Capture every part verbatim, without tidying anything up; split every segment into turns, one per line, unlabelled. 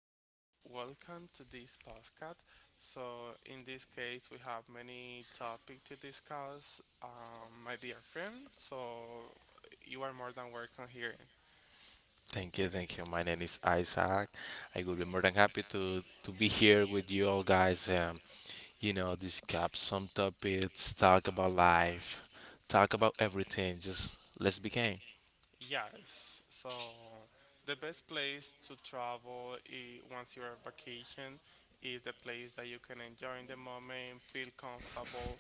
So, welcome to this podcast. So, in this case, we have many topics to discuss, um, my dear friend. So, you are more than welcome here.
Thank you, thank you. My name is Isaac. I will be more than happy to to be here with you all guys. Um, you know, discuss some topics, talk about life, talk about everything. Just let's begin.
Yes. So, the best place to travel I once you are on vacation is the place that you can enjoy in the moment, feel comfortable,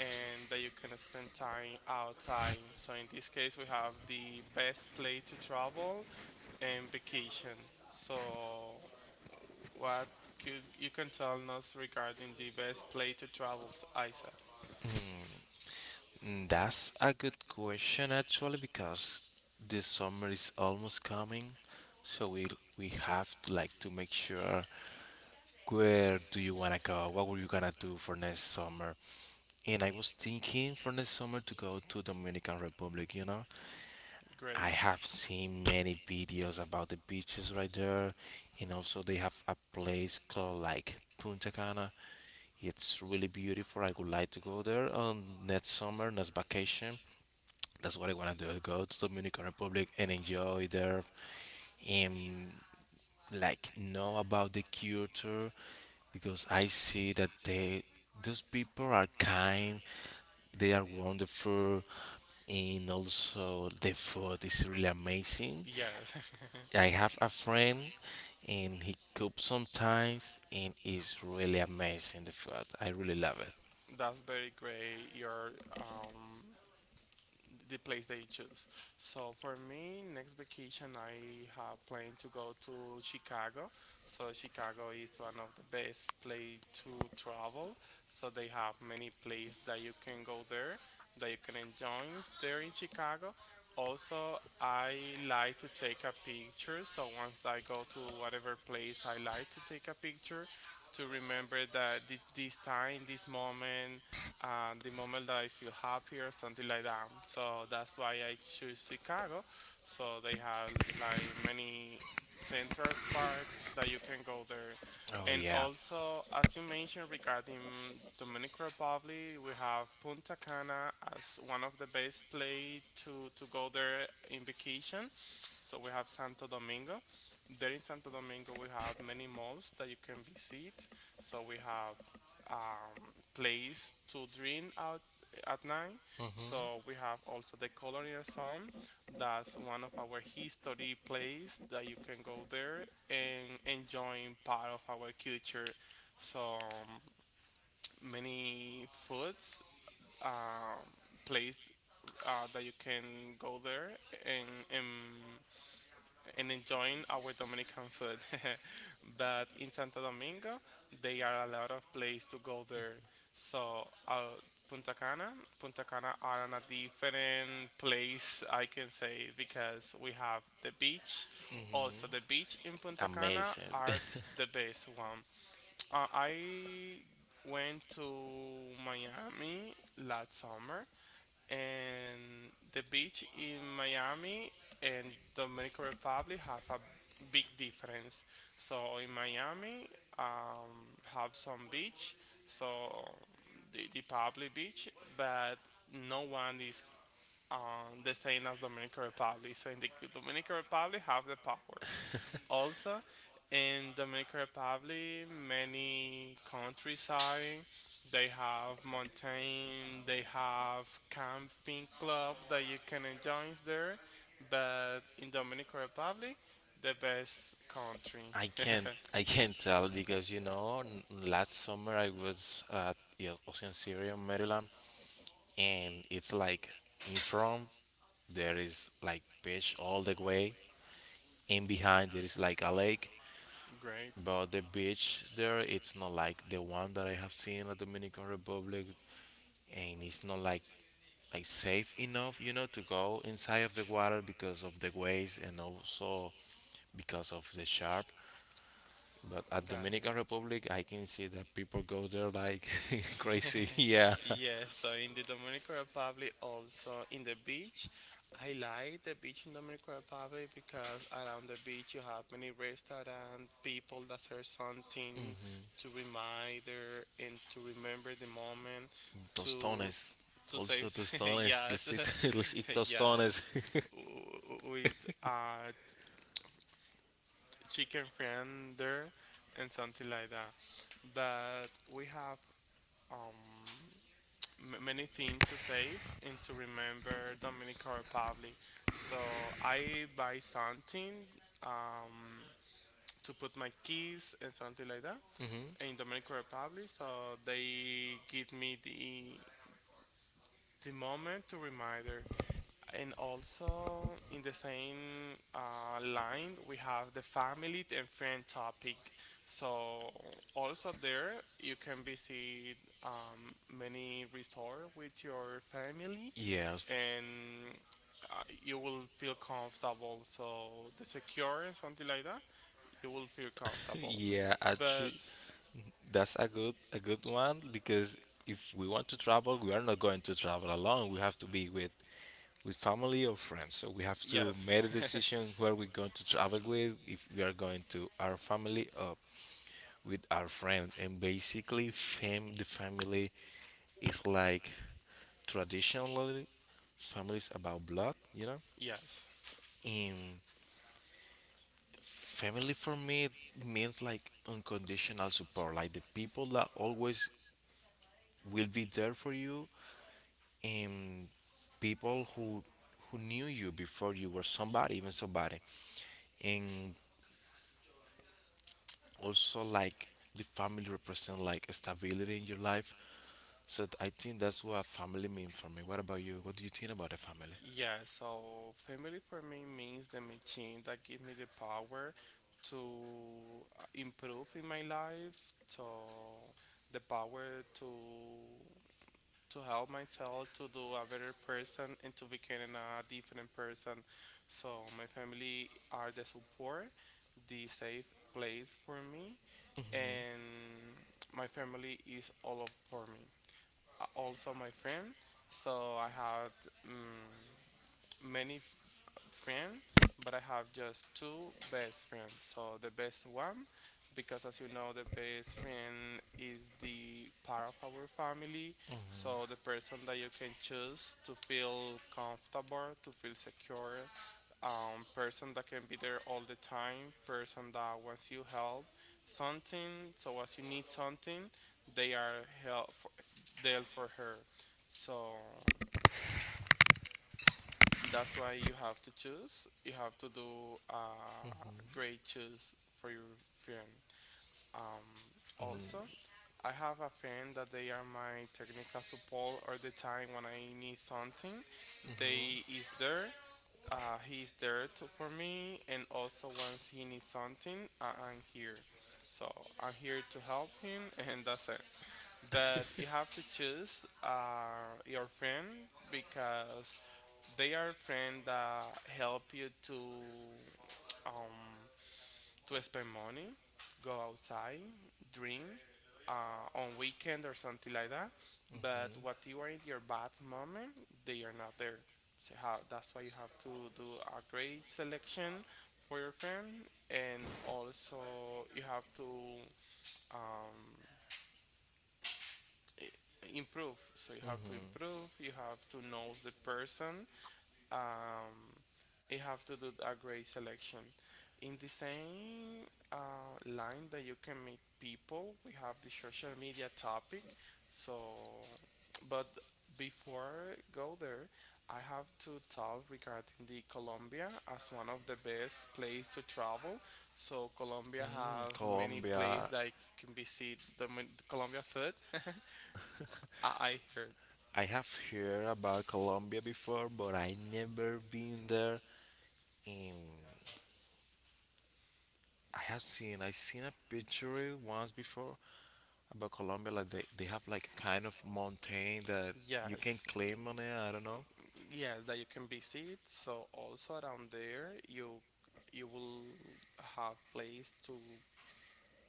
and that you can spend time outside. So in this case, we have the best place to travel and vacation. So, what could you can tell us regarding the best place to travel Isa?
Mm, That's a good question actually because the summer is almost coming, so we we have to, like to make sure, where do you wanna go? What were you gonna do for next summer? And I was thinking for next summer to go to Dominican Republic, you know? I
Great.
have seen many videos about the beaches right there, and also they have a place called like Punta Cana. It's really beautiful. I would like to go there on next summer, next vacation. That's what I want to do. Go to Dominican Republic and enjoy there. Um, like know about the culture because I see that they those people are kind, they are wonderful, and also the food is really amazing.
Yes.
I have a friend and he cooks sometimes and it's really amazing the food. I really love it.
That's very great. Your um the place that you choose. So for me, next vacation I have planned to go to Chicago. So Chicago is one of the best place to travel. So they have many places that you can go there that you can enjoy there in Chicago. Also, I like to take a picture. So once I go to whatever place, I like to take a picture to remember that thi- this time, this moment, and the moment that I feel happier, something like that. So that's why I choose Chicago. So they have like many Central Park that you can go there.
Oh
And
yeah.
also, as you mentioned regarding Dominican Republic, we have Punta Cana as one of the best place to, to go there in vacation. So we have Santo Domingo. There in Santo Domingo, we have many malls that you can visit. So we have um, place to drink out at night. So we have also the Colonial Zone. That's one of our history place that you can go there and enjoying part of our culture. So um, many foods um, place uh, that you can go there and, and and enjoying our Dominican food. But in Santo Domingo, there are a lot of places to go there. So uh, Punta Cana, Punta Cana are on a different place, I can say, because we have the beach. Also, the beach in
Cana,
Punta Cana
amazing. Cana.
are the best one. Uh, I went to Miami last summer and the beach in Miami and Dominican Republic have a big difference. So in Miami, um, have some beach, so the, the public beach, but no one is um, the same as Dominican Republic. So in the Dominican Republic, have the power. Also, in Dominican Republic, many countryside, they have mountain, they have camping club that you can enjoy there. But in Dominican Republic, the best country.
I can't I can't tell because you know n- last summer I was at, yeah, Ocean City, Maryland, and it's like in front there is like beach all the way, and behind there is like a lake.
Great,
But the beach there, it's not like the one that I have seen at Dominican Republic, and it's not like like safe enough, you know, to go inside of the water because of the waves and also because of the sharp. But at
got
Dominican
it.
Republic, I can see that people go there like crazy. Yeah,
Yes, so in the Dominican Republic, also in the beach, I like the beach in Dominican Republic because around the beach you have many restaurants, people that serve something to remind her and to remember the moment to
tostones.
to
Also
save.
tostones.
Yes.
Let's eat. Let's eat tostones.
Yes, W- w- with uh chicken friend there and something like that. But we have um m- many things to save and to remember Dominican Republic. So I buy something um, to put my keys and something like that
Mhm.
in Dominican Republic. So they give me the the moment to reminder and also in the same uh, line, we have the family and friend topic. So also there, you can visit um, many resources with your family,
Yeah.
and uh, you will feel comfortable. So the secure and something like that, you will feel comfortable.
Yeah,
But
actually, that's a good a good one because if we want to travel, we are not going to travel alone. We have to be with with family or friends. So we have to
yes.
make a decision where we're going to travel with, if we are going to our family or with our friends. And basically, fam the family is like traditionally, families about blood, you know.
Yes.
And family for me means like unconditional support, like the people that always will be there for you, and people who who knew you before you were somebody, even somebody, and also like the family represent like stability in your life. So th- I think that's what family mean for me. What about you? What do you think about the family?
Yeah, so family for me means the machine that give me the power to uh, improve in my life, to the power to to help myself to do a better person and to become a different person. So my family are the support, the safe place for me, and my family is all of for me. Uh, Also my friend. So I had um, many friend, but I have just two best friends. So the best one, because as you know, the best friend is the part of our family. So the person that you can choose to feel comfortable, to feel secure, um, person that can be there all the time, person that wants you help, something. So as you need something, they are help for, there for her. So that's why you have to choose. You have to do a great choose for your friend. Um, Also, I have a friend that they are my technical support all the time when I need something. They is there. Uh, he is there to, for me, and also once he needs something, I, I'm here. So I'm here to help him, and that's it. But you have to choose uh, your friend because they are friends that help you to um, to spend money, go outside, drink uh, on weekend or something like that. But what you are in your bad moment, they are not there. So how, that's why you have to do a great selection for your friend, and also you have to um, i- improve. So you have to
Hmm.
improve. You have to know the person um, you have to do a great selection. In the same uh, line that you can meet people, we have the social media topic. So, but before I go there, I have to talk regarding the Colombia as one of the best place to travel. So Colombia
Mm,
have many place
Colombia.
that can be see the, mon- the Colombia food. I I heard
I have heard about Colombia before, but I never been there. And I have seen I seen a picture once before about Colombia. Like they, they have like a kind of mountain that you can
yes.
climb on it. I don't know.
Yes that you can visit so also around there you you will have place to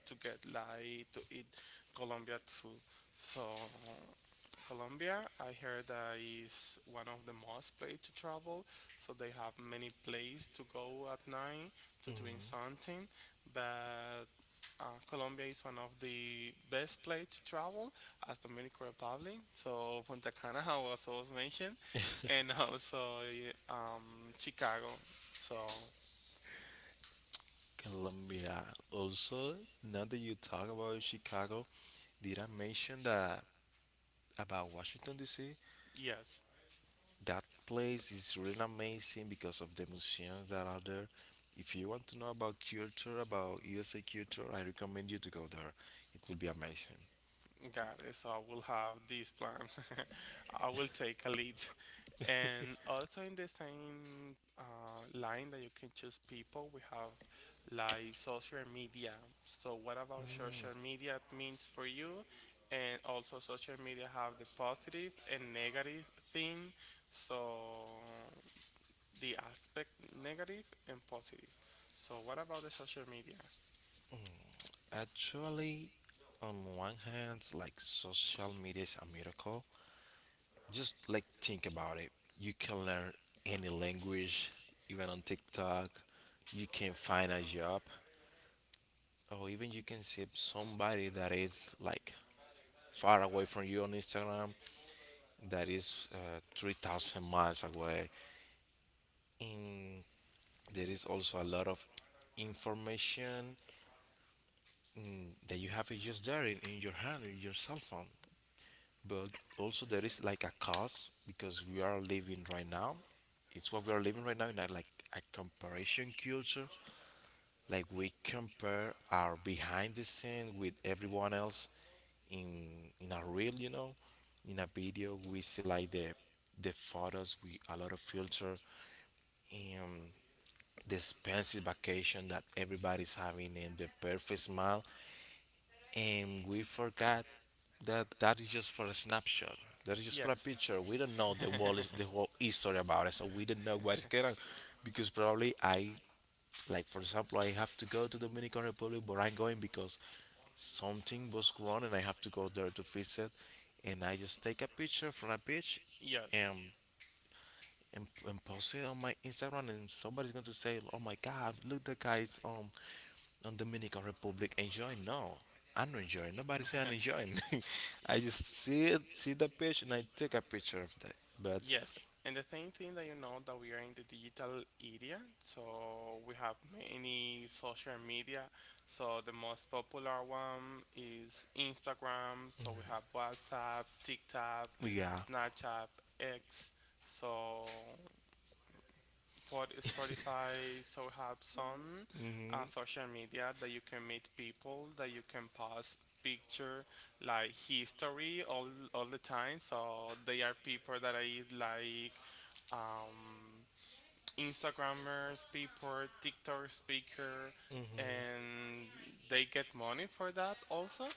to get like to eat Colombian food. So Colombia, I heard that is one of the most place to travel. So they have many place to go at night to doing something. But uh, Colombia is one of the best place to travel as Dominican Republic. So Punta Cana was also mentioned, and also y- um, Chicago. So
Colombia. Also, now that you talk about Chicago, did I mention that about Washington D C?
yes.
That place is really amazing because of the museums that are there. If you want to know about culture, about U S A culture, I recommend you to go there. It will be amazing.
Got it. So I will have this plan. I will take a lead. And also in the same uh, line that you can choose people, we have like social media. So what about social media means for you? And also social media have the positive and negative thing. So the aspect negative and positive. So what about the social media?
Actually, on one hand, like social media is a miracle. Just like think about it. You can learn any language, even on TikTok. You can find a job, or even you can see somebody that is like far away from you on Instagram, that is uh, three thousand miles away. And there is also a lot of information, mm, that you have it just there in, in your hand, in your cell phone. But also, there is like a cost because we are living right now. It's what we are living right now in a, like a comparison culture. Like we compare our behind the scene with everyone else in in a reel, you know, in a video. We see like the the photos with a lot of filter, um, the expensive vacation that everybody's having and the perfect smile, and we forgot that that is just for a snapshot, that is just for a
Yes.
picture. We don't know the whole the whole history about it, so we don't know what's going on because probably, I like for example, I have to go to Dominican Republic, but I'm going because something was wrong and I have to go there to fix it, and I just take a picture from a beach,
Yes.
and and, and post it on my Instagram, and somebody's going to say, "Oh my God, look the guys um on Dominican Republic enjoying." No, I'm not enjoying. Nobody say I'm enjoying. I just see it, see the picture, and I took a picture of that. But
Yes, and the same thing that you know that we are in the digital era, so we have many social media. So the most popular one is Instagram. So we have WhatsApp, TikTok,
yeah.
Snapchat, X. So Pod Spotify. So we have some uh, social media that you can meet people, that you can post picture like history all all the time so they are people that i like um, Instagrammers, people, TikTok speaker, and they get money for that also,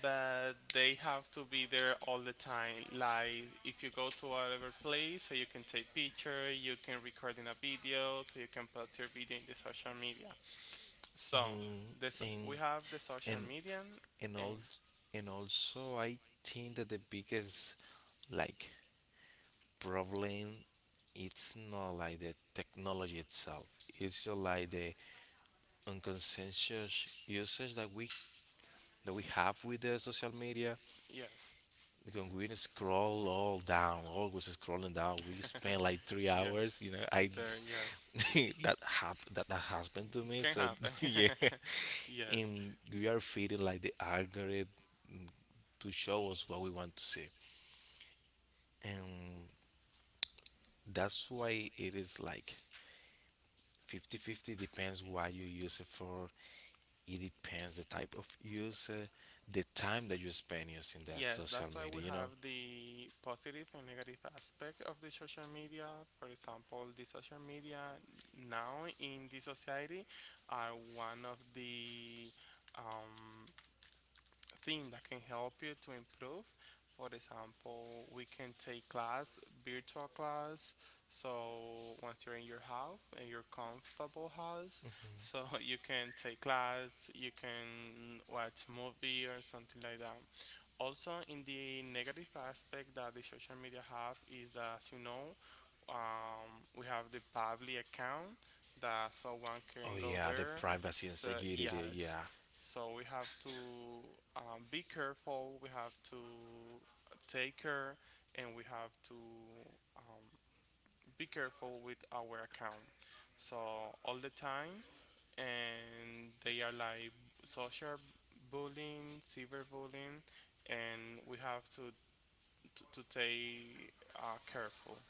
but they have to be there all the time. Like if you go to whatever place, so you can take picture, you can record in a video, so you can put your video in the social media. So
Mm,
this
and
we have the social
and
media,
and
and
all and also I think that the biggest like problem, it's not like the technology itself. It's just like the unconscious usage that we that we have with the social media.
yes.
Like when we scroll all down, always scrolling down, we spend like three
Yes,
hours. You know, I
there, yes,
that hap- that that happened to
it
me.
can
So
happen.
yeah,
Yes.
and we are feeding like the algorithm to show us what we want to see, and that's why it is like fifty fifty, depends what you use it for. It depends the type of user, the time that you spend using that
Yes,
social
that's why we
media. You know.
have the positive and negative aspect of the social media. For example, the social media now in the society are one of the um, thing that can help you to improve. For example, we can take class, virtual class. So once you're in your house, in your comfortable house, so you can take class, you can watch movie or something like that. Also, in the negative aspect that the social media have is that, as you know, um, we have the public account that someone
Oh
can go
yeah, the
there.
privacy and
So
security.
yes,
Yeah.
so we have to um, be careful. We have to take care, and we have to um, be careful with our account. So all the time, and they are like social bullying, cyberbullying, and we have to to, to stay uh, careful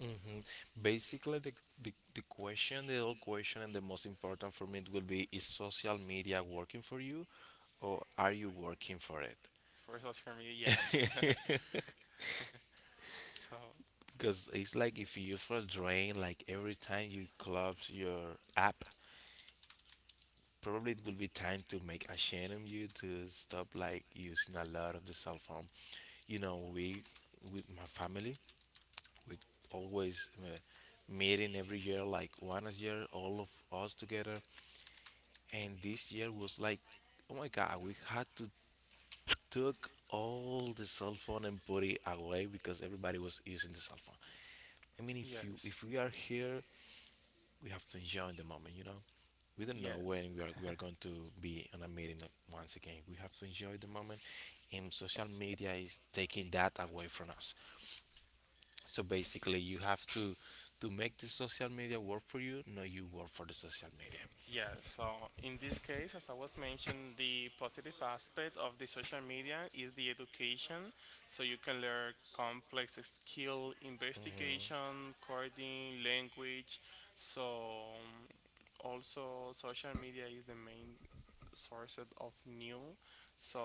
Hmm. Basically, the, the the question, the old question, and the most important for me, it will be: is social media working for you, or are you working for it?
for social media. Yes. So
Because it's like if you feel drained, like every time you close your app, probably it will be time to make a change on you to stop like using a lot of the cell phone. You know, we with my family, we always uh, meeting every year, like once a year, all of us together. And this year was like, oh my God, we had to took all the cell phone and put it away because everybody was using the cell phone. I mean, if you
yes,
if we are here, we have to enjoy the moment, you know. We don't know
yes.
when we are we are going to be on a meeting once again. We have to enjoy the moment, and social media is taking that away from us. So basically you have to to make the social media work for you, not you work for the social media.
Yeah, so in this case, as I was mentioned, the positive aspect of the social media is the education. So you can learn complex skill, investigation, coding, language. So um, also social media is the main source of new. So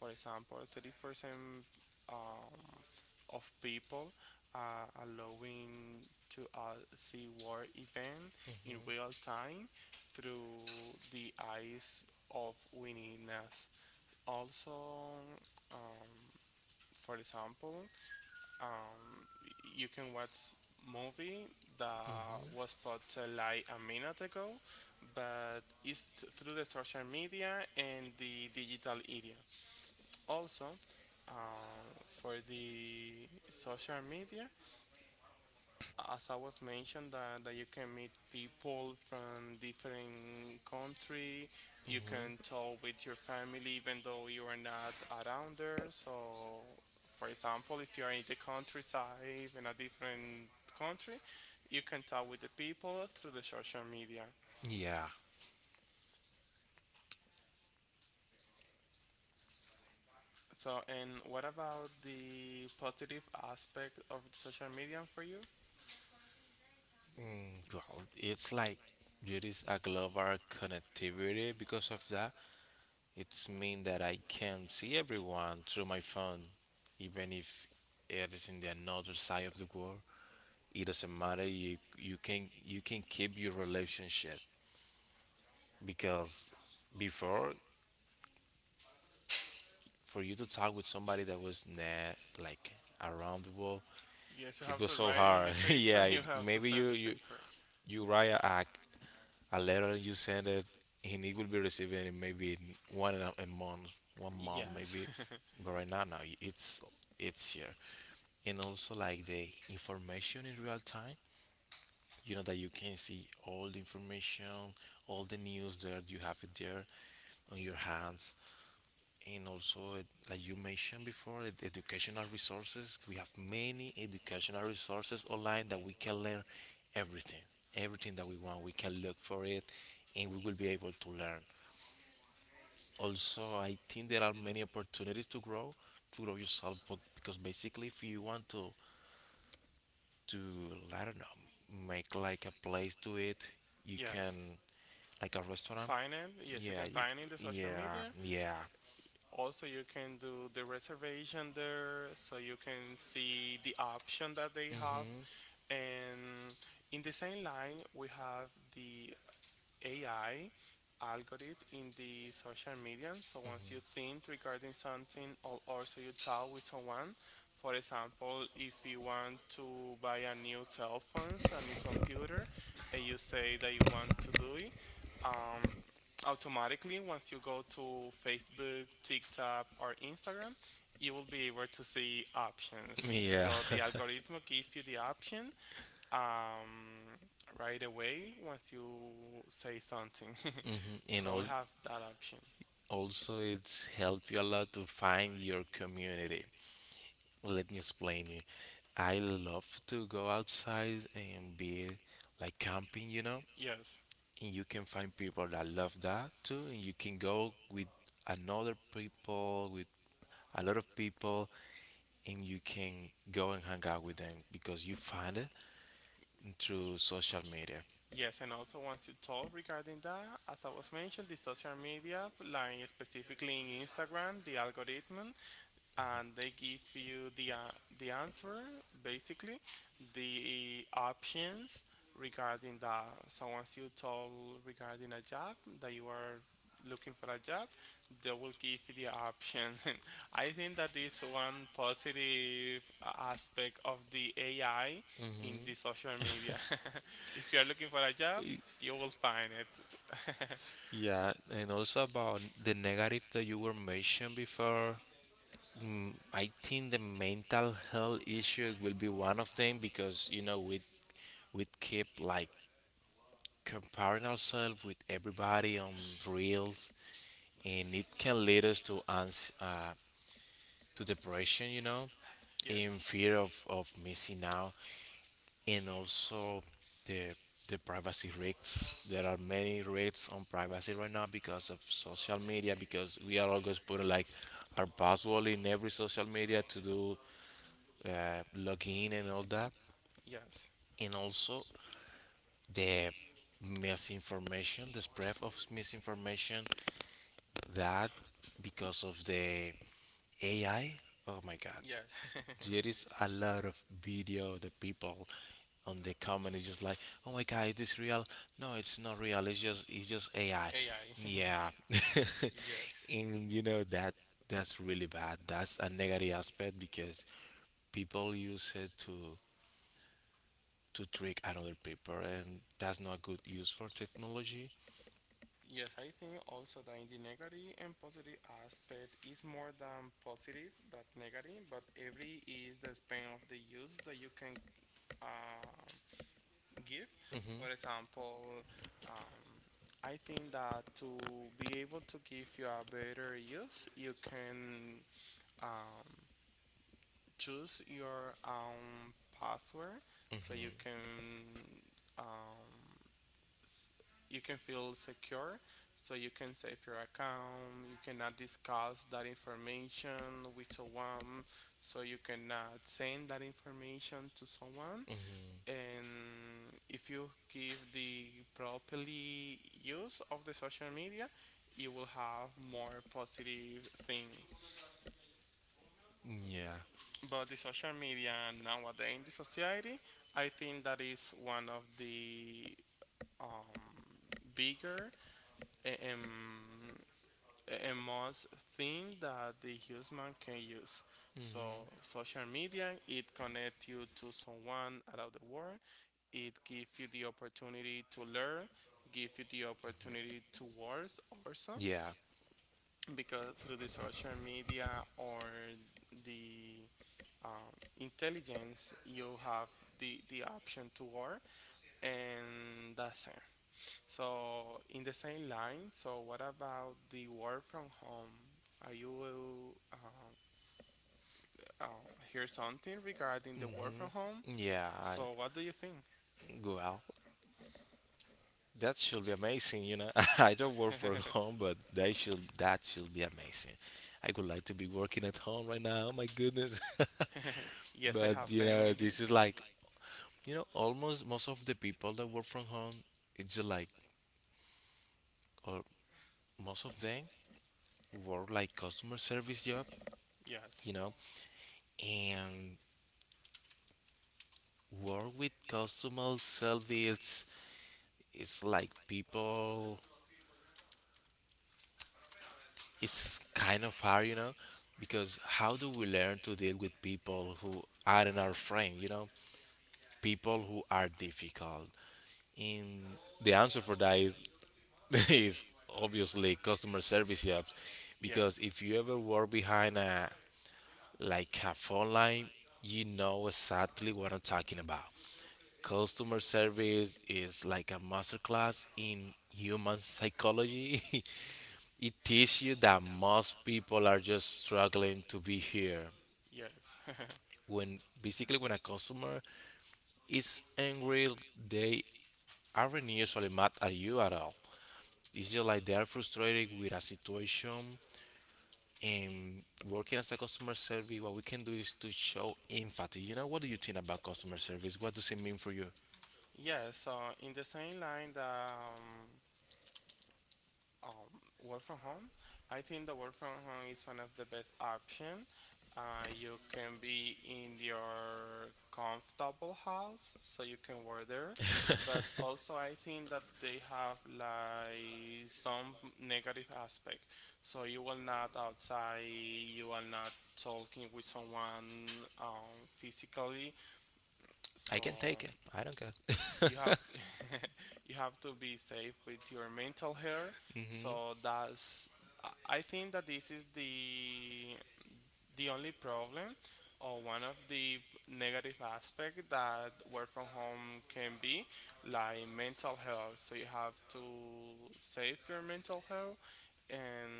for example, thirty percent um, of people are allowing to uh, see war event in real time through the eyes of willingness. Also, um, for example, um, you can watch movie that was put uh, like a minute ago, but it's th- through the social media and the digital era. Also, uh, for the social media, as I was mentioned that, that you can meet people from different country, you
Mhm.
can talk with your family even though you are not around there. So for example, if you are in the countryside in a different country, you can talk with the people through the social media.
Yeah.
So and what about the positive aspect of social media for you?
Mm, well, it's like there is a global connectivity. Because of that, it's mean that I can see everyone through my phone, even if it is in the another side of the world. It doesn't matter. You you can you can keep your relationship because before, for you to talk with somebody that was, nah, like around the world,
Yes, you
it
have
was
to
so
write in
hard.
the paper,
Yeah, it-
you have to
maybe you
send the
you
paper.
you write a, a letter, you send it, and it will be receiving it maybe in one and a a month, one month
Yes.
maybe. But right now, now it's it's here, and also like the information in real time. You know that you can see all the information, all the news. There you have it there on your hands. And also it- like you mentioned before, ed- educational resources, we have many educational resources online that we can learn everything. everything that we want, we can look for it and we will be able to learn. Also, I think there are many opportunities to grow, to grow yourself, but- because basically if you want to to I don't know, make like a place to it, you can,
Yes.
like a restaurant,
Find it. Yes, you
yeah
can find it in the
you-
social
yeah
media.
yeah.
Also, you can do the reservation there so you can see the option that they have. And in the same line, we have the A I algorithm in the social media. So once you think regarding something or also you talk with someone, for example, if you want to buy a new cell phone, a new computer, and you say that you want to do it, um, automatically once you go to Facebook, TikTok, or Instagram, you will be able to see options.
Yeah.
So the algorithm gives you the option um, right away once you say something.
Mhm. You
So we
know,
have that option.
also it's helped you a lot to find your community. Let me explain you. I love to go outside and be like camping, you know.
Yes.
And you can find people that love that too, and you can go with another people, with a lot of people, and you can go and hang out with them because you find it through social media.
Yes, and also once you talk regarding that, as I was mentioned, the social media, like specifically in Instagram, the algorithm and they give you the uh, the answer basically the options regarding the so once you told regarding a job that you are looking for a job, they will give you the option. I think that is one positive aspect of the AI in the social media. If you are looking for a job, you will find it.
Yeah, and also about the negative that you were mentioned before, mm, I think the mental health issue will be one of them because you know we we keep like comparing ourselves with everybody on reels, and it can lead us to ans- uh, to depression, you know, in
Yes,
fear of, of missing out. And also the the privacy risks. There are many risks on privacy right now because of social media, because we are always putting like our password in every social media to do uh, login and all that.
yes,
And also the misinformation, the spread of misinformation, that, because of the A I. Oh my God,
yes.
there is a lot of video, the people on the comment is just like, oh my God, is this real? No, it's not real. It's just it's just A I.
AI.
Yeah,
Yes.
and you know that that's really bad. That's a negative aspect because people use it to to trick another people, and that's not good use for technology.
Yes, I think also that in the negative and positive aspect is more than positive that negative, but every is the span of the use that you can um, give.
Hmm.
For example, um, I think that to be able to give you a better use, you can um, choose your own password so you
Hmm.
can um, s- you can feel secure, so you can save your account. You cannot discuss that information with someone, so you cannot send that information to someone.
Hmm.
And if you give the properly use of the social media, you will have more positive thing.
Yeah,
But the social media nowadays in the society, I think that is one of the um, bigger, um, a most thing that the human can use. So social media, it connects you to someone around the world. It gives you the opportunity to learn, give you the opportunity to work also,
yeah.
because through the social media or the um, intelligence, you have the, the option to work, and that's it. So, in the same line, so what about the work from home? Are you uh, uh, hear something regarding the work
Hmm.
from home?
Yeah. I,
So, what do you think?
well, that should be amazing, you know. I don't work from home, but that should that should be amazing. I would like to be working at home right now. Oh My goodness.
Yes, I
But
have
you know,
family.
this is like you know, almost most of the people that work from home, it's just like, or most of them work like customer service job,
Yes,
you know, and work with customer service is like people. It's kind of hard, you know, because how do we learn to deal with people who aren't our friend, you know, people who are difficult? And the answer for that is, is obviously customer service jobs,
yes,
because if you ever work behind a Like a phone line, you know exactly what I'm talking about. Customer service is like a masterclass in human psychology. It teaches you that most people are just struggling to be here.
yes.
When basically when a customer is angry, they aren't usually mad at you at all. It's just like they are frustrated with a situation. And working as a customer service, what we can do is to show empathy. You know, what do you think about customer service? What does it mean for you?
Yeah, so in the same line that um, um, work from home, I think the work from home is one of the best option. Uh, you can be in your comfortable house, so you can work there. But also, I think that they have like some negative aspect. So you will not outside, you are not talking with someone um, physically. So
I can take it. I don't care.
you have you have to be safe with your mental health, so that's i I think that this is the the only problem or one of the negative aspect that work from home can be like mental health, so you have to save your mental health. And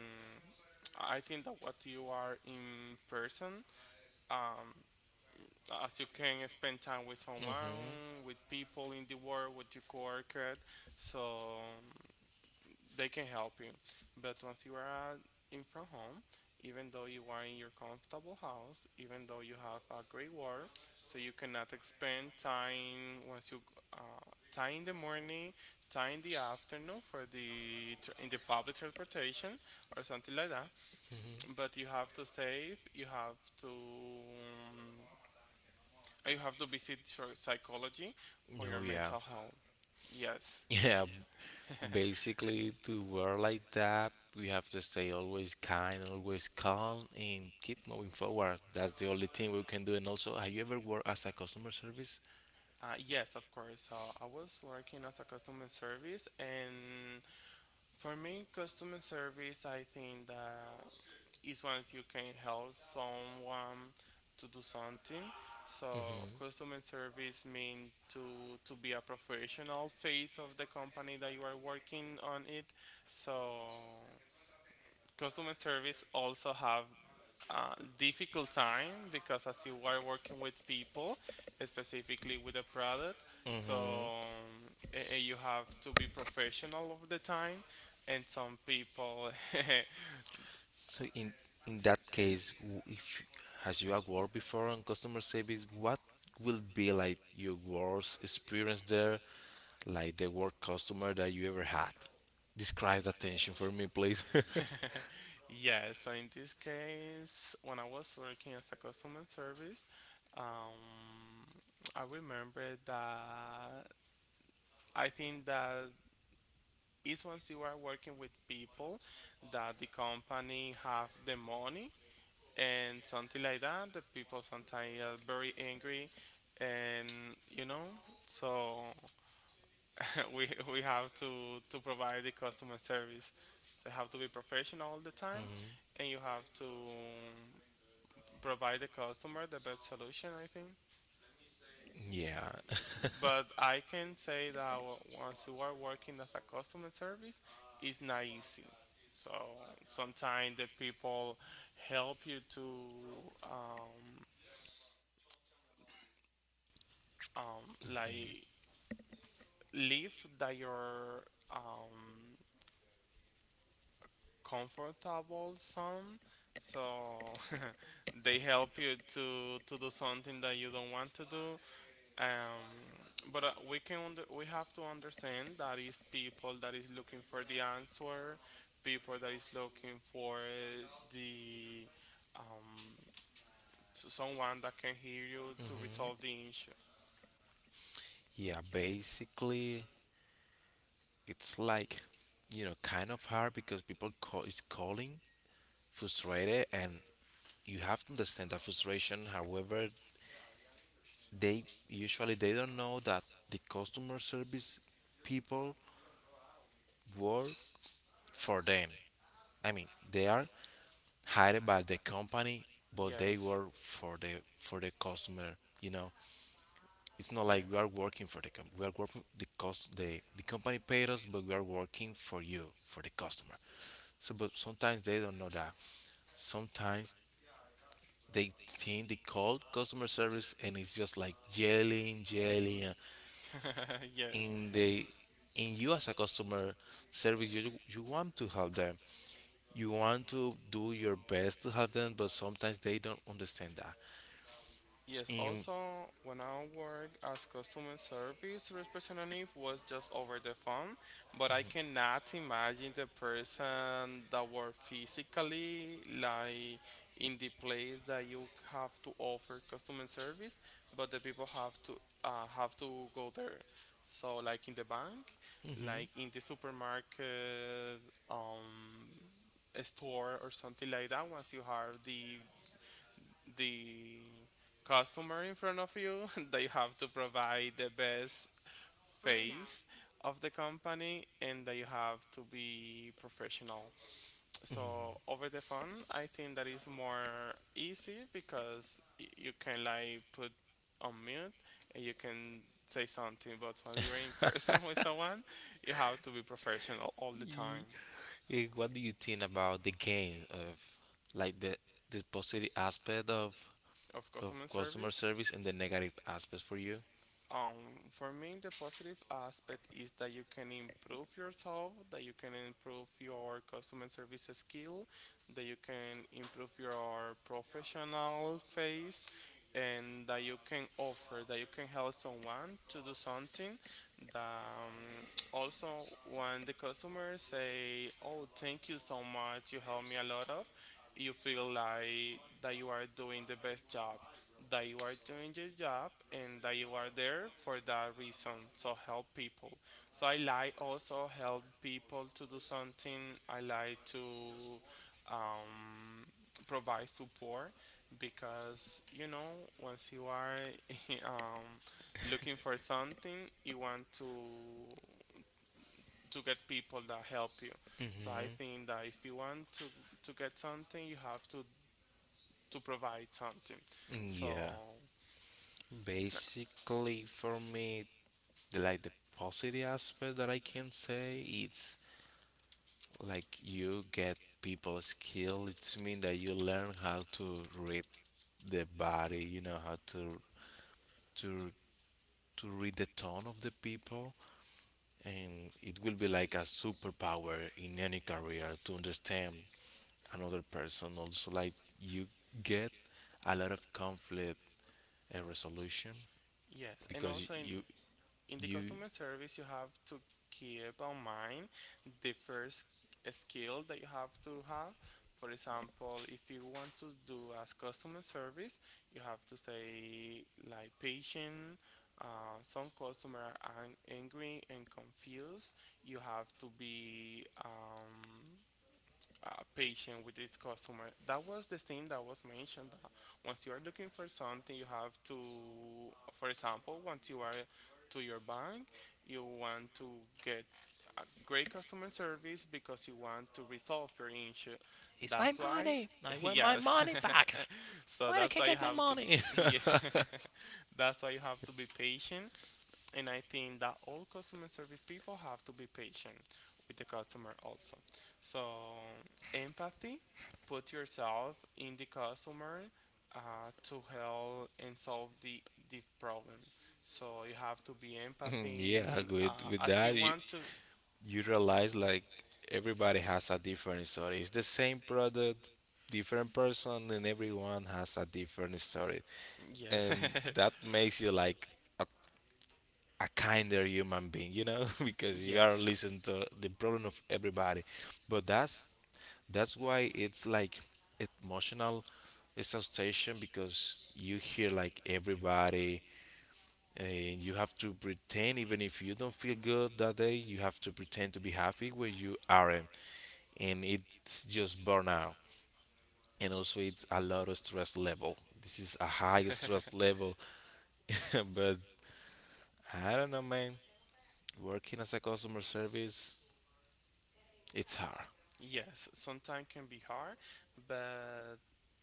I think that what you are in person, um, as you can spend time with
Hmm.
someone, with people in the world, with your coworker, so um, they can help you. But once you are uh, in from home, even though you are in your comfortable house, even though you have a great work, so you cannot spend time once you uh, time in the morning, time in the afternoon for the tr- in the public transportation or something like that. But you have to save. You have to. Um, you have to visit psy- psychology for
Oh
your
yeah.
mental health. Yes.
Yeah. Basically, to work like that, we have to stay always kind, always calm, and keep moving forward. That's the only thing we can do. And also, have you ever worked as a customer service?
Uh, yes, of course. Uh, I was working as a customer service, and for me, customer service, I think that is when you can help someone to do something. So, customer service means to to be a professional face of the company that you are working on it. So, customer service also have uh, difficult time because as you are working with people, specifically with a product, so um, a- and you have to be professional all the time. And some people,
So in in that case, w- if has you had worked before on customer service, what will be like your worst experience there, like the worst customer that you ever had? Describe that tension for me, please.
yeah. So in this case, when I was working as a customer service, um, I remember that I think that is once you are working with people that the company have the money and something like that. The people sometimes are very angry, and you know, so we we have to to provide the customer service. So you have to be professional all the time, and you have to provide the customer the best solution. I think,
Yeah.
but I can say that w- once you are working as a customer service, it's not easy. So sometimes the people help you to um, um, like leave that you're um, comfortable some, so they help you to to do something that you don't want to do, um, but uh, we can under, we have to understand that is people that is looking for the answer, people that is looking for the um, s- someone that can hear you to resolve the issue.
Yeah. Basically, it's like you know, kind of hard because people call is calling frustrated, and you have to understand that frustration. However, they usually they don't know that the customer service people work for them. I mean, they are hired by the company, but they
Yes,
work for the for the customer. You know, it's not like we
yes.
are working for the com- we are working the cost the the company paid us, but we are working for you for the customer. So, but sometimes they don't know that. Sometimes they think they call customer service and it's just like yelling, yelling,
Yes.
and they, and you as a customer service, you you want to help them, you want to do your best to help them, but sometimes they don't understand that.
Yes,
And,
also when I work as customer service representative was just over the phone, but I cannot imagine the person that work physically like in the place that you have to offer customer service, but the people have to uh, have to go there. So like in the bank, like in the supermarket, um, a store or something like that. Once you have the the customer in front of you that you have to provide the best face of the company and that you have to be professional. So over the phone, I think that is more easy because y- you can like put on mute and you can say something. But when you're in person with someone, you have to be professional all the time.
and what do you think about the gain of like the the positive aspect of
Of
of
customer
customer
service.
service and the negative aspects for you?
Um, for me, the positive aspect is that you can improve yourself, that you can improve your customer service skill, that you can improve your professional face, and that you can offer, that you can help someone to do something. That um, also, when the customer say, "Oh, thank you so much, you helped me a lot of," you feel like that you are doing the best job, that you are doing your job, and that you are there for that reason. So help people. So I like also help people to do something. I like to um, provide support because you know once you are um, looking for something, you want to to get people that help you. So I think that if you want to to get something, you have to to provide something.
Mm, Yeah,
So uh,
basically for me, the, like the positive aspect that I can say, it's like you get people skill, it's mean that you learn how to read the body, you know how to to to read the tone of the people, and it will be like a superpower in any career to understand another person, also like you get a lot of conflict and resolution
yes, and
because
also in
you
in the
you
customer service, you have to keep on mind the first skill that you have to have. For example, if you want to do as customer service, you have to say like patient. Uh, some customer are ang- angry and confused. You have to be um, uh, patient with this customer. That was the thing that was mentioned that once you are looking for something, you have to, for example, once you are to your bank, you want to get a great customer service because you want to resolve your issue.
It's my
That's
that's-
why,
money. I want my
yes.
money back.
So
So
that's why you
get my
have to,
money?
yeah.
have to
That's why you have to be patient, and I think that all customer service people have to be patient with the customer also. So empathy, put yourself in the customer uh, to help and solve the, the problem. So you have to be empathy
yeah, with
uh,
with
as
that,
you want to.
you realize like everybody has a different story. It's the same product, different person, and everyone has a different story,
Yes.
and that makes you like a, a kinder human being, you know. Because you are
Yes.
listening to the problem of everybody. But that's that's why it's like emotional exhaustion, because you hear like everybody, and you have to pretend even if you don't feel good that day. You have to pretend to be happy when you aren't, and it's just burnout. And also it's a lot of stress level. This is a high stress level. But I don't know, man. Working as a customer service, it's hard.
Yes, sometimes can be hard, but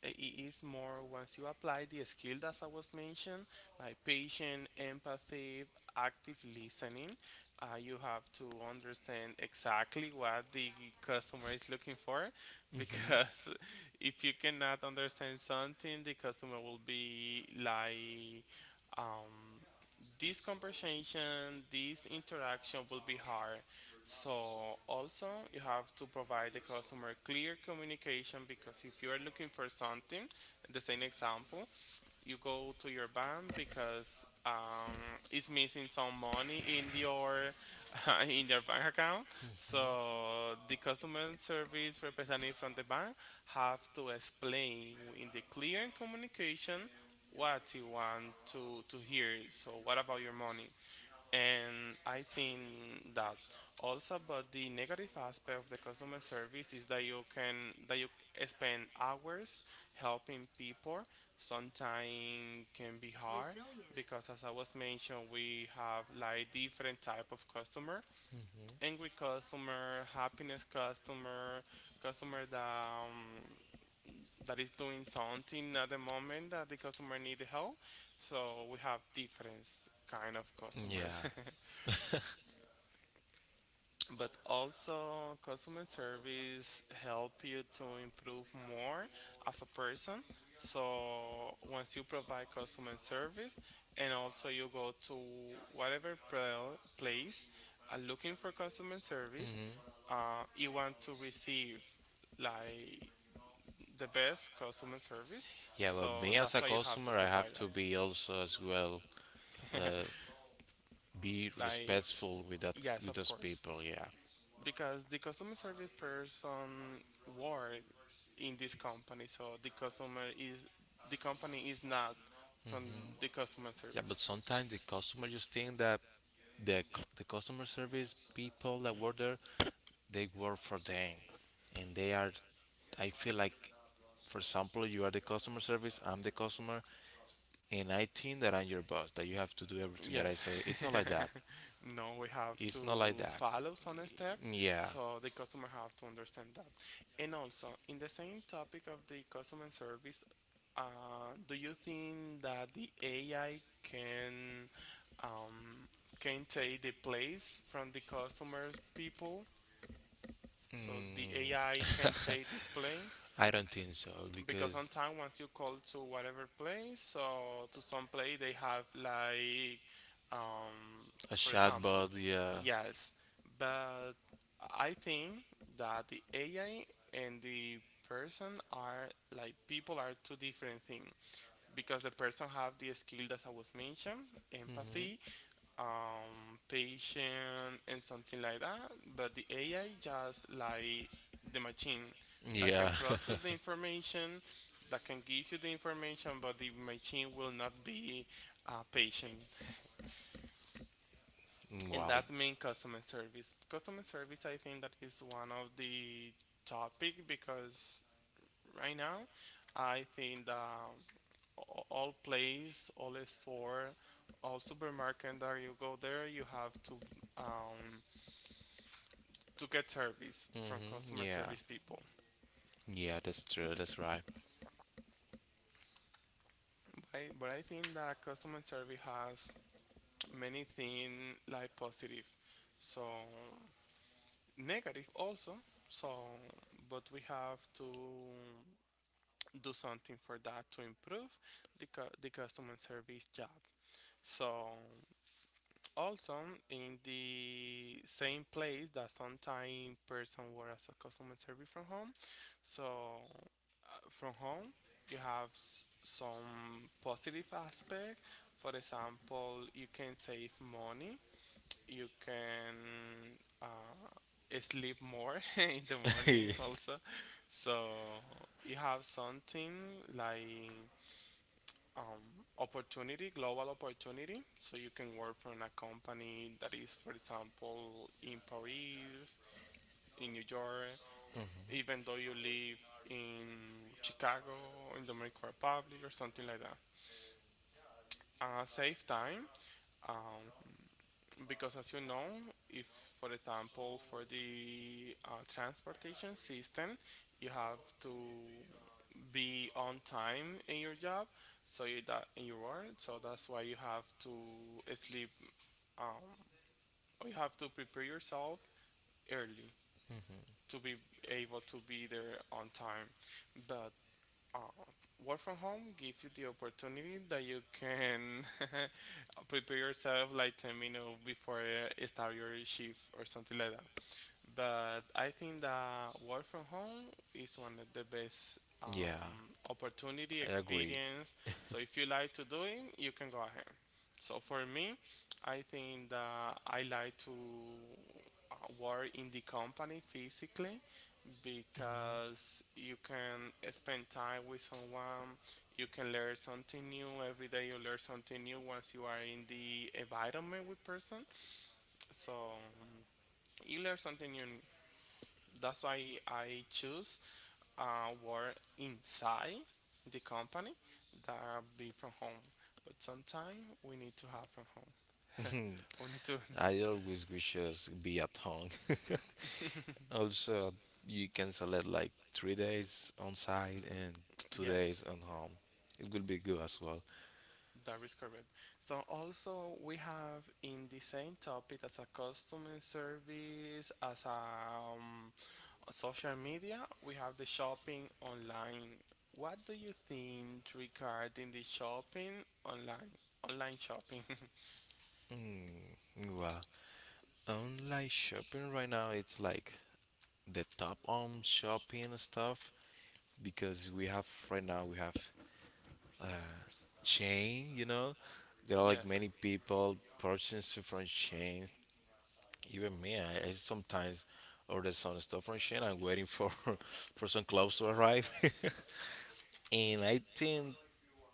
i- it is more once you apply the skill that I was mentioned, like patient, empathy, active listening. Uh, you have to understand exactly what the customer is looking for, because if you cannot understand something, the customer will be like, um, this conversation, this interaction will be hard. So also you have to provide the customer clear communication because if you are looking for something, the same example, you go to your bank because um, it's missing some money in your in your bank account. So the customer service representative from the bank have to explain in the clear communication what you want to to hear. So what about your money? And I think that also, but the negative aspect of the customer service is that you can that you spend hours helping people. Sometimes can be hard because, as I was mentioned, we have like different type of customer, angry customer, happiness customer, customer that um, that is doing something at the moment that the customer need help. So we have different kind of customers.
Yeah,
But also customer service help you to improve more as a person, so once you provide customer service and also you go to whatever pro- place are looking for customer service, uh, you want to receive like the best customer service.
yeah, but
So
me as
that's
a
why you have to
customer, I
provide
have to be also as well.
that.
uh, be
Like,
respectful with that
yes,
with
of
those
course,
people. Yeah.
because the customer service person work in this company, so the customer is the company is not from the customer
Yeah,
service.
but sometimes the customer just think that the c- the customer service people that work there, they work for them, and they are. I feel like, for example, you are the customer service, I'm the customer, and I think that I'm your boss, that you have to do everything that
Yes.
I say. It's not like that.
No, we have to
It's not like that.
follow some step,
Yeah.
so the customer have to understand that. And also, in the same topic of the customer service, uh, do you think that the A I can, um, can take the place from the customers people? So the A I can
Mm.
take this plane,
I don't think so,
because
because
sometimes once you call to whatever plane, so to some plane they have like, um,
A
for example,
chatbot, yeah.
yes, but I think that the A I and the person are, like, people are two different things, because the person have the skill that I was mentioned: empathy, um, patient and something like that. But the A I just like the machine
That.
that
Yeah,
can
can
process
process.
the information, that can give you the information, but the machine will not be uh, patient.
in
And that means customer service. Customer service, I think that is one of the topic, because right now, I think that a- all place, all store, all supermarket that you go there, you have to, um, to get service from customer
Mm-hmm.
service people.
Yeah, that's true. That's right.
But I, but I think that customer service has many things like positive, so negative also. So, but we have to do something for that to improve the, cu- the customer service job. So, also in the same place that sometime person work as a customer service from home, so uh, from home you have s- some positive aspect. For example, you can save money, you can, uh, sleep more in the morning also. So you have something like, um, opportunity, global opportunity. So you can work for a company that is, for example, in Paris, in New York, even though you live in Chicago, in Dominican Republic, or something like that. Uh, save time. Um, because as you know, if for example for the uh, transportation system, you have to be on time in your job, so you that in your work, so that's why you have to sleep. Um, or you have to prepare yourself early to be able to be there on time. But uh, work from home gives you the opportunity that you can prepare yourself like ten minutes before uh, start your shift or something like that. But I think that work from home is one of the best
in your yeah.
um, opportunity experience. So if you like to do it, you can go ahead. So for me, I think that I like to uh, work in the company physically, because you can spend time with someone, you can learn something new every day. You learn something new once you are in the environment with person. So, um, you learn something new, that's why I choose uh, work inside the company that be from home. But sometimes we need to have from home.
You can.
We need to.
I always wish us be at home. Also, you can select like three days on site and two days
Yes.
on home. It will be good as well.
That is correct. So also we have in the same topic as a customer service, as a, um, social media, we have the shopping online. What do you think regarding the shopping online? Online shopping.
Mm, well, online shopping right now, it's like the top on shopping stuff because we have right now we have uh, chain. You know, there are like
Yes.
many people purchasing from chains. Even me, I, I sometimes order some stuff from chain. I'm waiting for for some clothes to arrive. And I think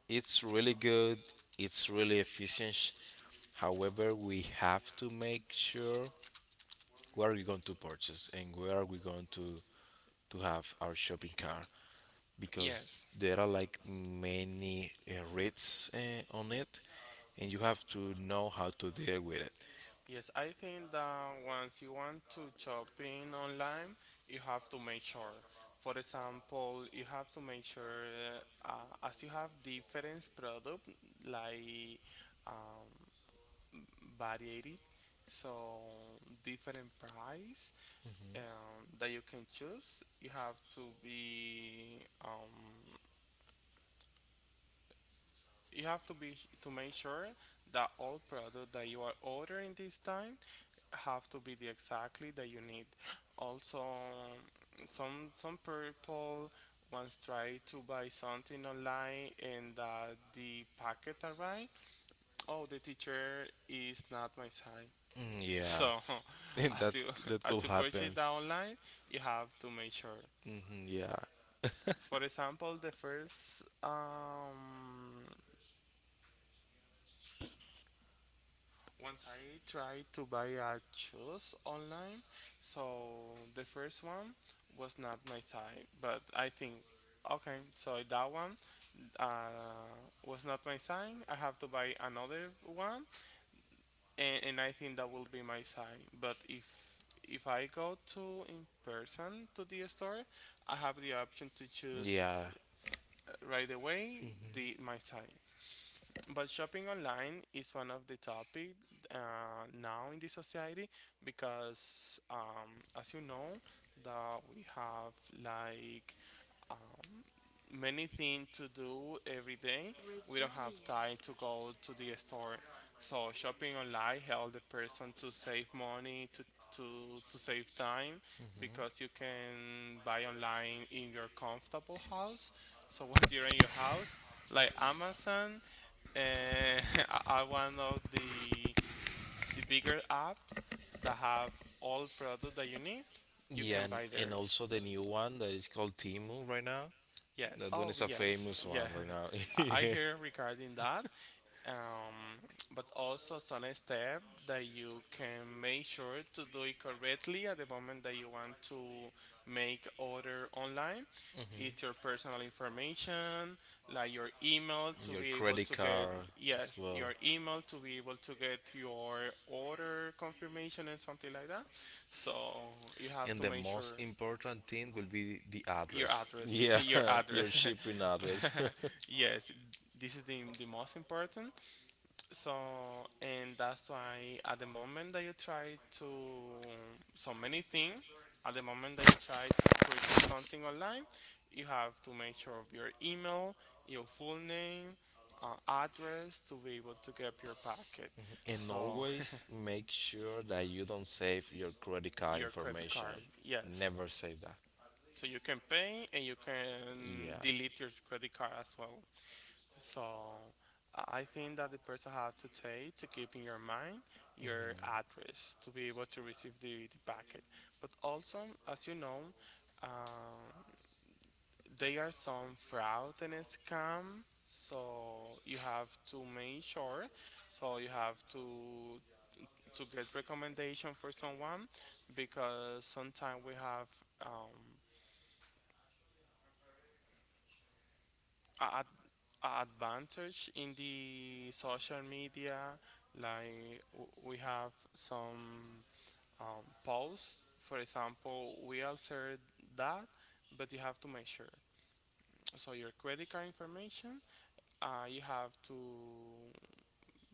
it's really good. It's really efficient. However, we have to make sure where are we going to purchase and where are we going to to have our shopping cart, because
Yes.
there are like many uh, rates uh, on it, and you have to know how to deal with it.
Yes, I think that once you want to shopping online, you have to make sure. For example, you have to make sure, uh, as you have different product, like, um, varied, so different price, um, that you can choose. You have to be um, you have to be to make sure that all product that you are ordering this time have to be the exactly that you need. Also, some some people once try to buy something online and that the packet arrived. Oh, the teacher is not my size.
Mm, yeah.
So,
And that
as you,
that could
as you purchase
happen.
that online, you have to make sure.
Hmm. Yeah.
For example, the first um once I tried to buy a shoes online, so the first one was not my size, but I think, okay, so that one uh was not my size. I have to buy another one, and, and I think that will be my size. But if if I go to in person to the store, I have the option to choose
Yeah,
uh, right away the my size. But shopping online is one of the topic uh, now in the society, because, um, as you know, that we have like, um, many things to do every day. We don't have time to go to the store, so shopping online help the person to save money to. To, to save time, because you can buy online in your comfortable house, so once you're in your house, like Amazon, and are one of the the bigger apps that have all product that you need. You
yeah,
can
and
buy
my,
there.
and also the new one that is called Timu right now.
Yes.
That one
Oh,
is a
yes.
famous
Yeah.
one right now.
I I
Yeah.
hear regarding that. um, but also some step that you can make sure to do it correctly at the moment that you want to make order online, it's your personal information, like your email to
Your
be able
credit
to get,
card, as yes,
yes,
well.
your email to be able to get your order confirmation and something like that. So you have
And
to
the make
make
most
sure
sure important thing will be the your
your
address. Address.
address.
Yeah.
Your
Your your address.
address.
Shipping address.
Yes, this is the, the most important. So, and that's why at the moment that you try to, so many things, at the moment that you try to purchase something online, you have to make sure of your email, your full name, uh, address to be able to get your packet.
And
So,
always make sure that you don't save your credit card
your credit
information.
card,
Yes.
yes.
Never save that.
So you can pay and you can
Yeah.
delete your credit card as well. So I think that the person has to take to keep in your mind your address to be able to receive the, the packet. But also, as you know, um, there are some fraud and scam. So you have to make sure. So you have to to get recommendation for someone, because sometimes we have, um, I, I advantage in the social media, like w- we have some, um, posts for example we answered that, but you have to make sure, so your credit card information, uh, you have to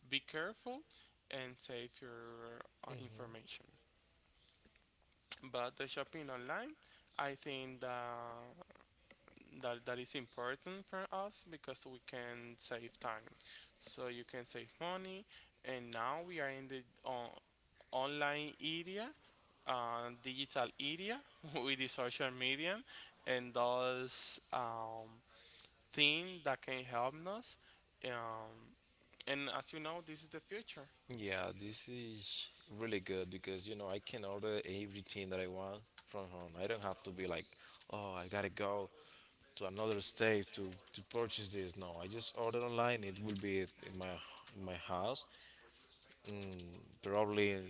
be careful and save your uh,
Mhm.
information. But the shopping online, I think that that that is important for us, because we can save time. So you can save money, and now we are in the on, online area, uh, digital area with the social media, and those, um, things that can help us. Um, and as you know, this is the future.
Yeah, this is really good because you know I can order everything that I want from home. I don't have to be like, oh, I gotta go to another state to to purchase this. No, I just order online. It will be in my in my house in probably in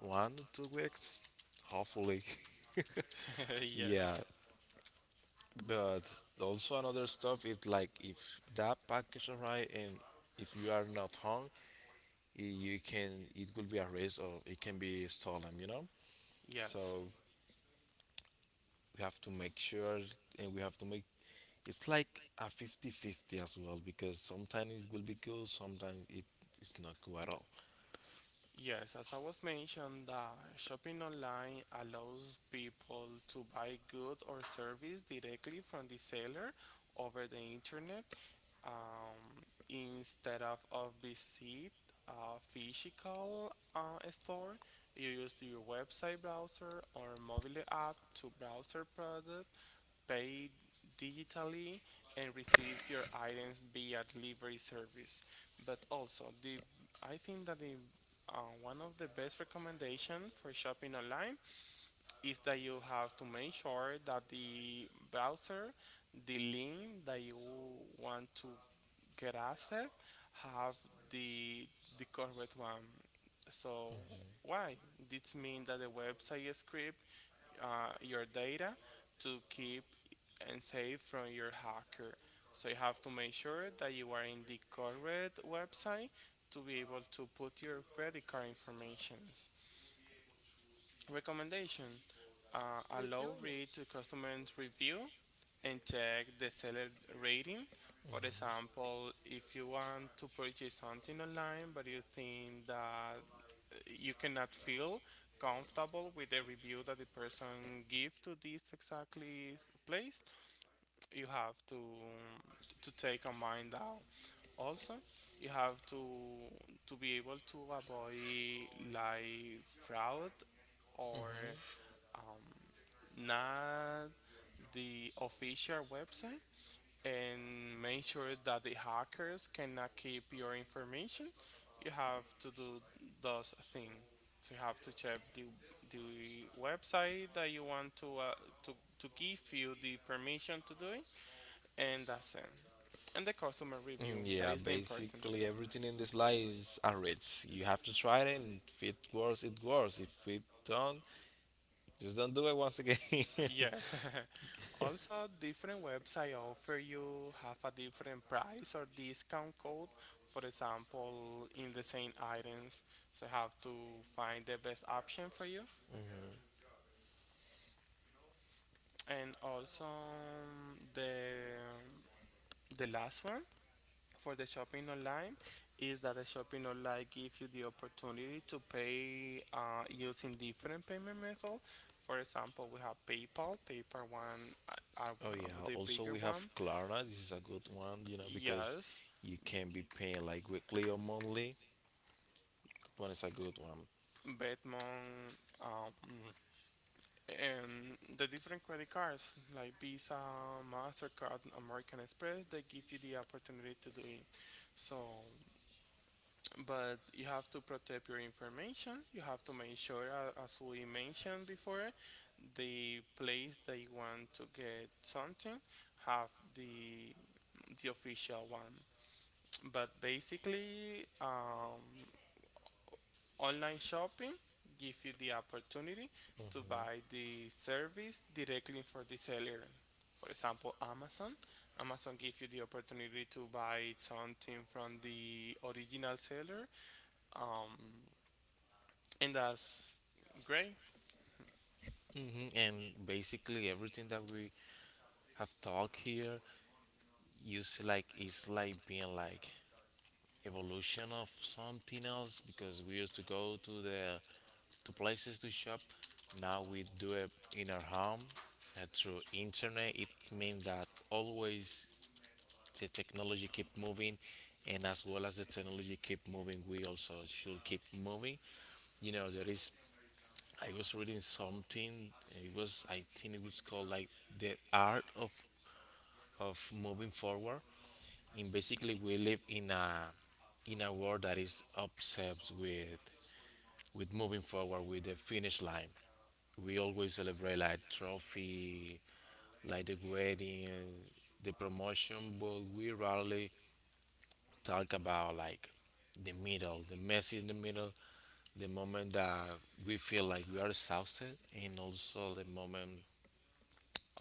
one to two weeks, hopefully. Yeah,
Yes,
but also another stuff is like if that package arrive and if you are not home, you can it could be erased, or it can be stolen, you know.
yes.
So we have to make sure, and we have to make, it's like a fifty-fifty as well, because sometimes it will be cool, sometimes it is not cool at all.
Yes, as I was mentioned, uh, shopping online allows people to buy good or service directly from the seller over the internet, um, instead of, of visit a physical uh, store. You use your website browser or mobile app to browse your product, pay digitally, and receive your items via delivery service. But also, the, I think that the, uh, one of the best recommendation for shopping online is that you have to make sure that the browser, the link that you want to get access, have the the correct one. So why? This means that the website script uh, your data to keep and save from your hacker. So you have to make sure that you are in the correct website to be able to put your credit card information. Recommendation, uh, allow read to customers review and check the seller rating. For example, if you want to purchase something online but you think that you cannot feel comfortable with the review that the person give to this exactly place, you have to to take on mind that also you have to to be able to avoid like fraud or, um, not the official website, and make sure that the hackers cannot keep your information, you have to do those things. So you have to check the the website that you want to uh, to to give you the permission to do it, and that's it. And the customer review,
Mm,
that
yeah,
is the important.
basically everything in this life is a risk. You have to try it, and if it works, it works. If it don't, just don't do it once again.
Yeah. Also, different website offer you have a different price or discount code. For example, in the same items, so you have to find the best option for you. And also, mm, the, mm, the last one for the shopping online is that the shopping online gives you the opportunity to pay uh, using different payment methods. For example, we have PayPal. PayPal one, uh, are
Oh
one
yeah.
of the
Also,
bigger
we have
one.
Klarna. This is a good one, you know, because
Yes,
you can be paying like weekly or monthly. That one is a good one.
Batman, um, and the different credit cards like Visa, Mastercard, American Express, they give you the opportunity to do it. So, but you have to protect your information. You have to make sure, uh, as we mentioned before, the place that you want to get something have the the official one. But basically, um, online shopping gives you the opportunity to buy the service directly for the seller. For example, Amazon. Amazon gives you the opportunity to buy something from the original seller, um, and that's great.
Hmm. And basically everything that we have talked here, here is like it's like being like evolution of something else, because we used to go to the to places to shop. Now we do it in our home uh, through internet. It means that always the technology keep moving, and as well as the technology keep moving, we also should keep moving. You know, there is I was reading something. It was I think it was called like the art of of moving forward. And basically, we live in a in a world that is obsessed with with moving forward, with the finish line. We always celebrate like trophy, like the wedding, the promotion, but we rarely talk about like the middle, the mess in the middle, the moment that we feel like we are exhausted, and also the moment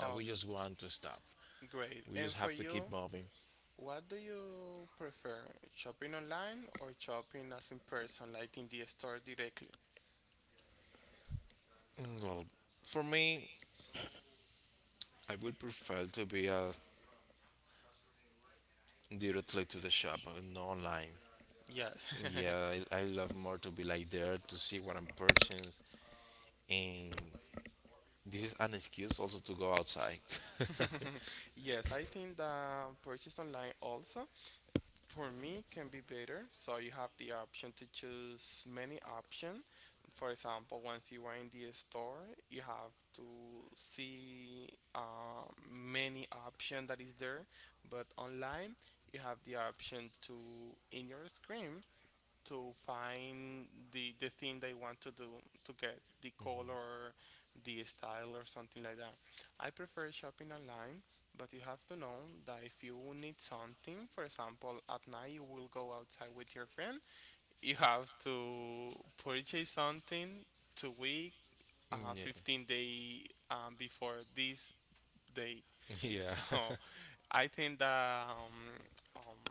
that we just want to stop.
great.
We
And
just
for
have to keep
you,
moving.
what do you prefer, shopping online or shopping as in person, like in the store directly?
Mm, well, for me, I would prefer to be uh, directly to the shop and not online.
Yes.
Yeah, I, I love more to be like there to see what I'm purchasing, and this is an excuse also to go outside.
Yes, I think that purchase online also for me can be better so you have the option to choose many option. For example, once you are in the store you have to see, uh, many option that is there, but online you have the option to in your screen to find the the thing they want to do, to get the color, the style or something like that. I prefer shopping online, but you have to know that if you need something, for example, at night you will go outside with your friend, you have to purchase something to week, uh,
Yeah.
fifteen day um, before this date.
Yeah.
So I think that um, um,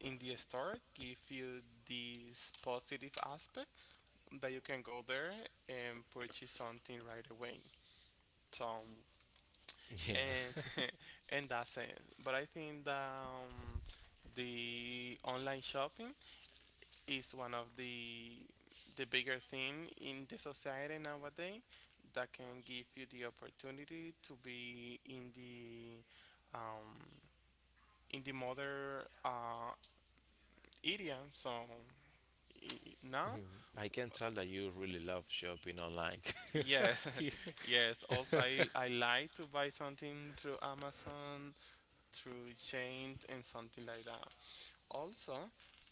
in the store give you this positive aspect that you can go there and purchase something right away. So and
Yeah.
and that's it. But I think that um, the online shopping is one of the the bigger thing in the society nowadays that can give you the opportunity to be in the, um, in the mother, uh, area. So i- now.
I can tell that you really love shopping online.
Yeah,
Yeah.
yes. Also, I, I like to buy something through Amazon, through Chain, and something like that. Also,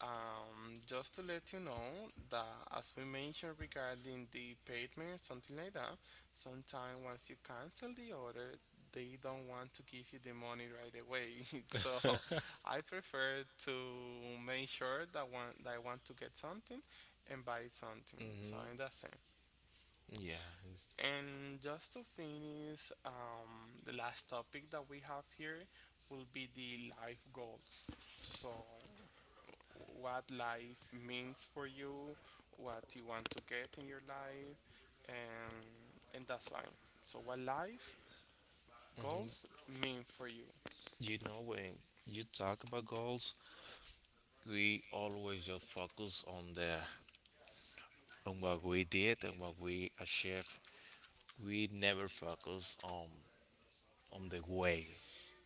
um, just to let you know that as we mentioned regarding the payment something like that, sometimes once you cancel the order, they don't want to give you the money right away. So I prefer to make sure that one that I want to get something and buy something. So
Hmm.
in that sense.
Yeah.
And just to finish, um, the last topic that we have here will be the life goals. So, what life means for you, what you want to get in your life, and and that's why. So, what life goals
Hmm.
mean for you?
You know, when you talk about goals, we always just focus on the on what we did and what we achieved. We never focus on on the way,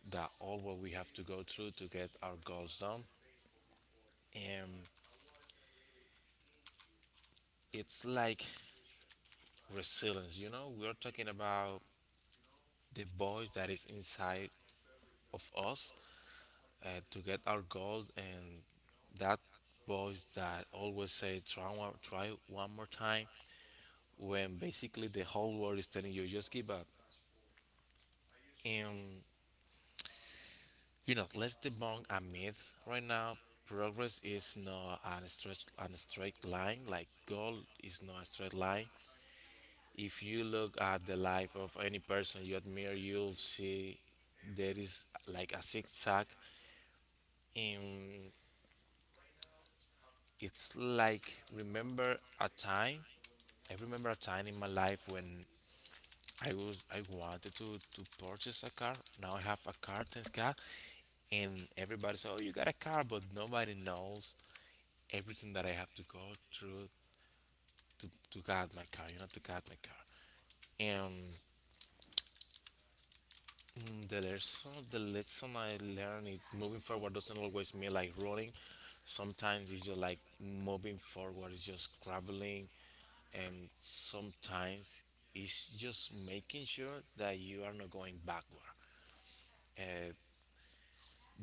that all what we have to go through to get our goals done. And it's like resilience. You know, we are talking about the voice that is inside of us uh, to get our goals, and that voice that always say try one, try one more time, when basically the whole world is telling you just give up. And you know, let's debunk a myth right now. Progress is not a stretch, a straight line. Like goal is not a straight line. If you look at the life of any person you admire, you'll see there is like a zigzag. And it's like remember a time. I remember a time in my life when I was I wanted to to purchase a car. Now I have a car, thanks God. And everybody says, "Oh, you got a car," but nobody knows everything that I have to go through to to get my car. You know, to get my car. And mm, the lesson, the lesson I learned, is moving forward doesn't always mean like running. Sometimes it's just like moving forward. It's just traveling, and sometimes it's just making sure that you are not going backward. Uh,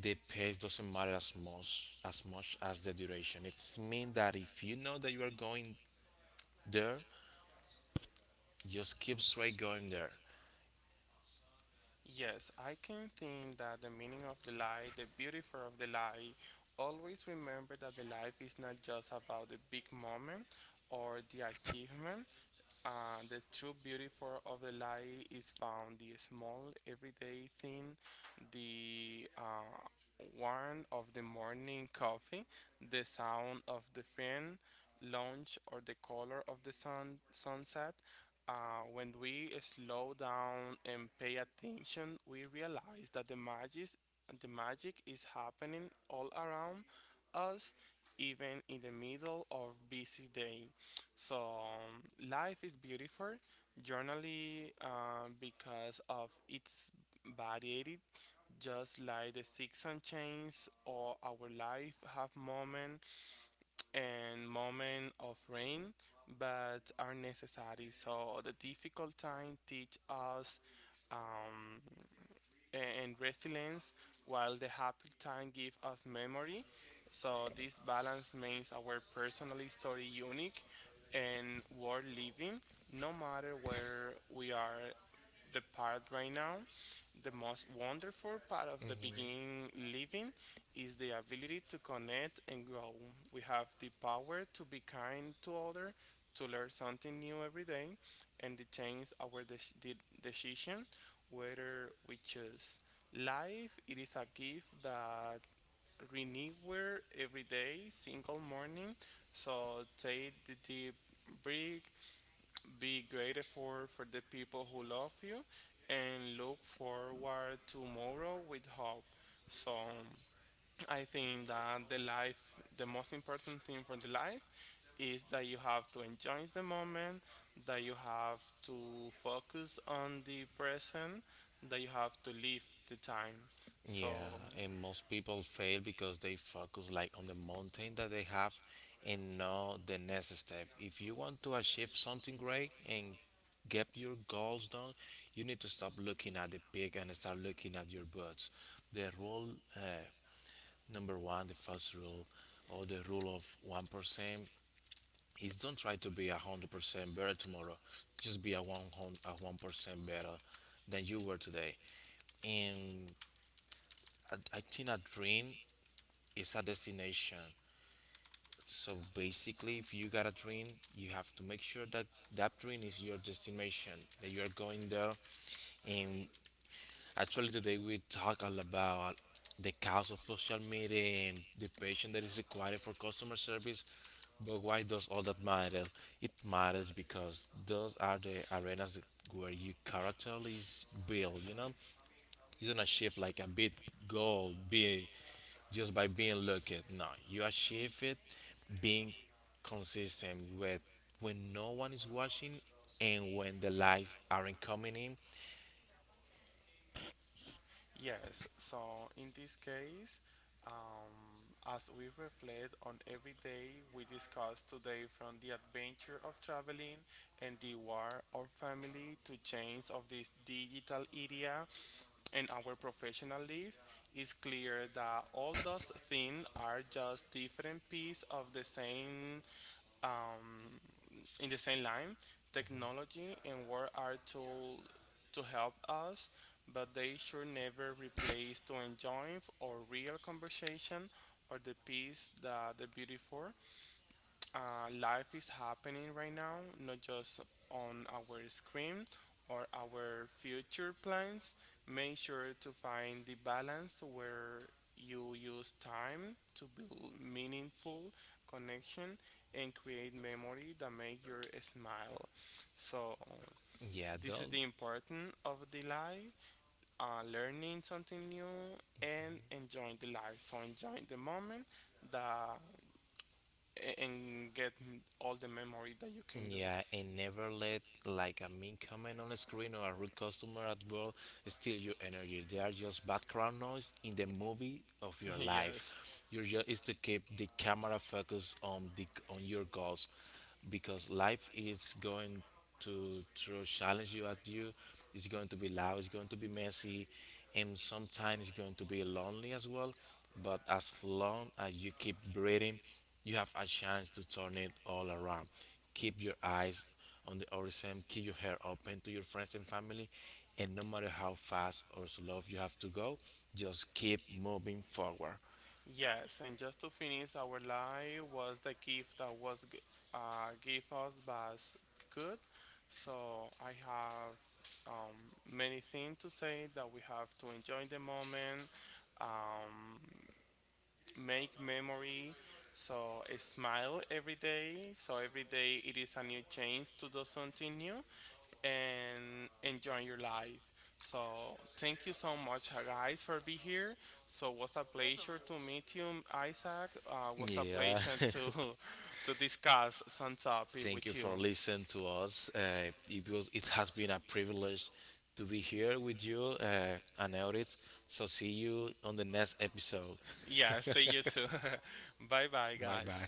the pace doesn't matter as much as much as the duration. It's mean that if you know that you are going there, just keep straight going there.
Yes, I can think that the meaning of the lie, the beautiful of the lie, always remember that the life is not just about the big moment or the achievement. Uh, the true beauty for, of the lie is found the small everyday thing, the, uh, warmth of the morning coffee, the sound of the fan launch, or the color of the sun sunset. Uh, when we slow down and pay attention, we realize that the magic, the magic is happening all around us, even in the middle of busy day. So life is beautiful, generally, uh, because of its variety. Just like the season change, or our life have moment and moment of rain, but are necessary. So the difficult time teach us. Um, and resilience, while the happy time gives us memory. So this balance makes our personal story unique and worth living, no matter where we are the part right now, the most wonderful part of the beginning living is the ability to connect and grow. We have the power to be kind to others, to learn something new every day, and to change our dec- de- decision whether we choose. Life it is a gift that renewer every day, single morning. So take the deep breath, be grateful for the people who love you and look forward to tomorrow with hope. So I think that the life, the most important thing for the life is that you have to enjoy the moment, that you have to focus on the present, that you have to live the time.
Yeah,
So
and most people fail because they focus like on the mountain that they have and not the next step. If you want to achieve something great and get your goals done, you need to stop looking at the peak and start looking at your butts. The rule uh, number one, the first rule, or the rule of one percent, is don't try to be a hundred percent better tomorrow. Just be a one hundred a one percent better than you were today. And I, I think a dream is a destination. So basically, if you got a dream, you have to make sure that that dream is your destination. That you are going there, and actually, today we talk all about the cost of social media and the patience that is required for customer service. But why does all that matter? It matters because those are the arenas that- where your character is built. You know, you don't achieve like a big goal be just by being lucky. No, you achieve it being consistent with when no one is watching and when the likes aren't coming in
yes, so in this case, um, as we reflect on every day we discuss today from the adventure of traveling and the war of family to change of this digital era and our professional life, it's clear that all those things are just different pieces of the same, um, in the same line, technology and work are tools to help us, but they should never replace to enjoy or real conversation or the peace that the beauty for, uh, life is happening right now, not just on our screen or our future plans. Make sure to find the balance where you use time to build meaningful connection and create memory that make your smile. So this is the importance of the life, uh, learning something new and enjoying the life. So enjoying the moment that a- and get m- all the memory that you can do. Yes, yes. And just to finish, our life was the gift that was g- uh, give us was good. So I have, um, many things to say that we have to enjoy the moment, um, make memory. So I smile every day. So every day it is a new chance to do something new and enjoying your life. So thank you so much, uh, guys, for being here. So it was a pleasure to meet you, um, Isaac. Uh, was a pleasure to to discuss some topic with you. Yeah, see you too. Bye, bye, guys.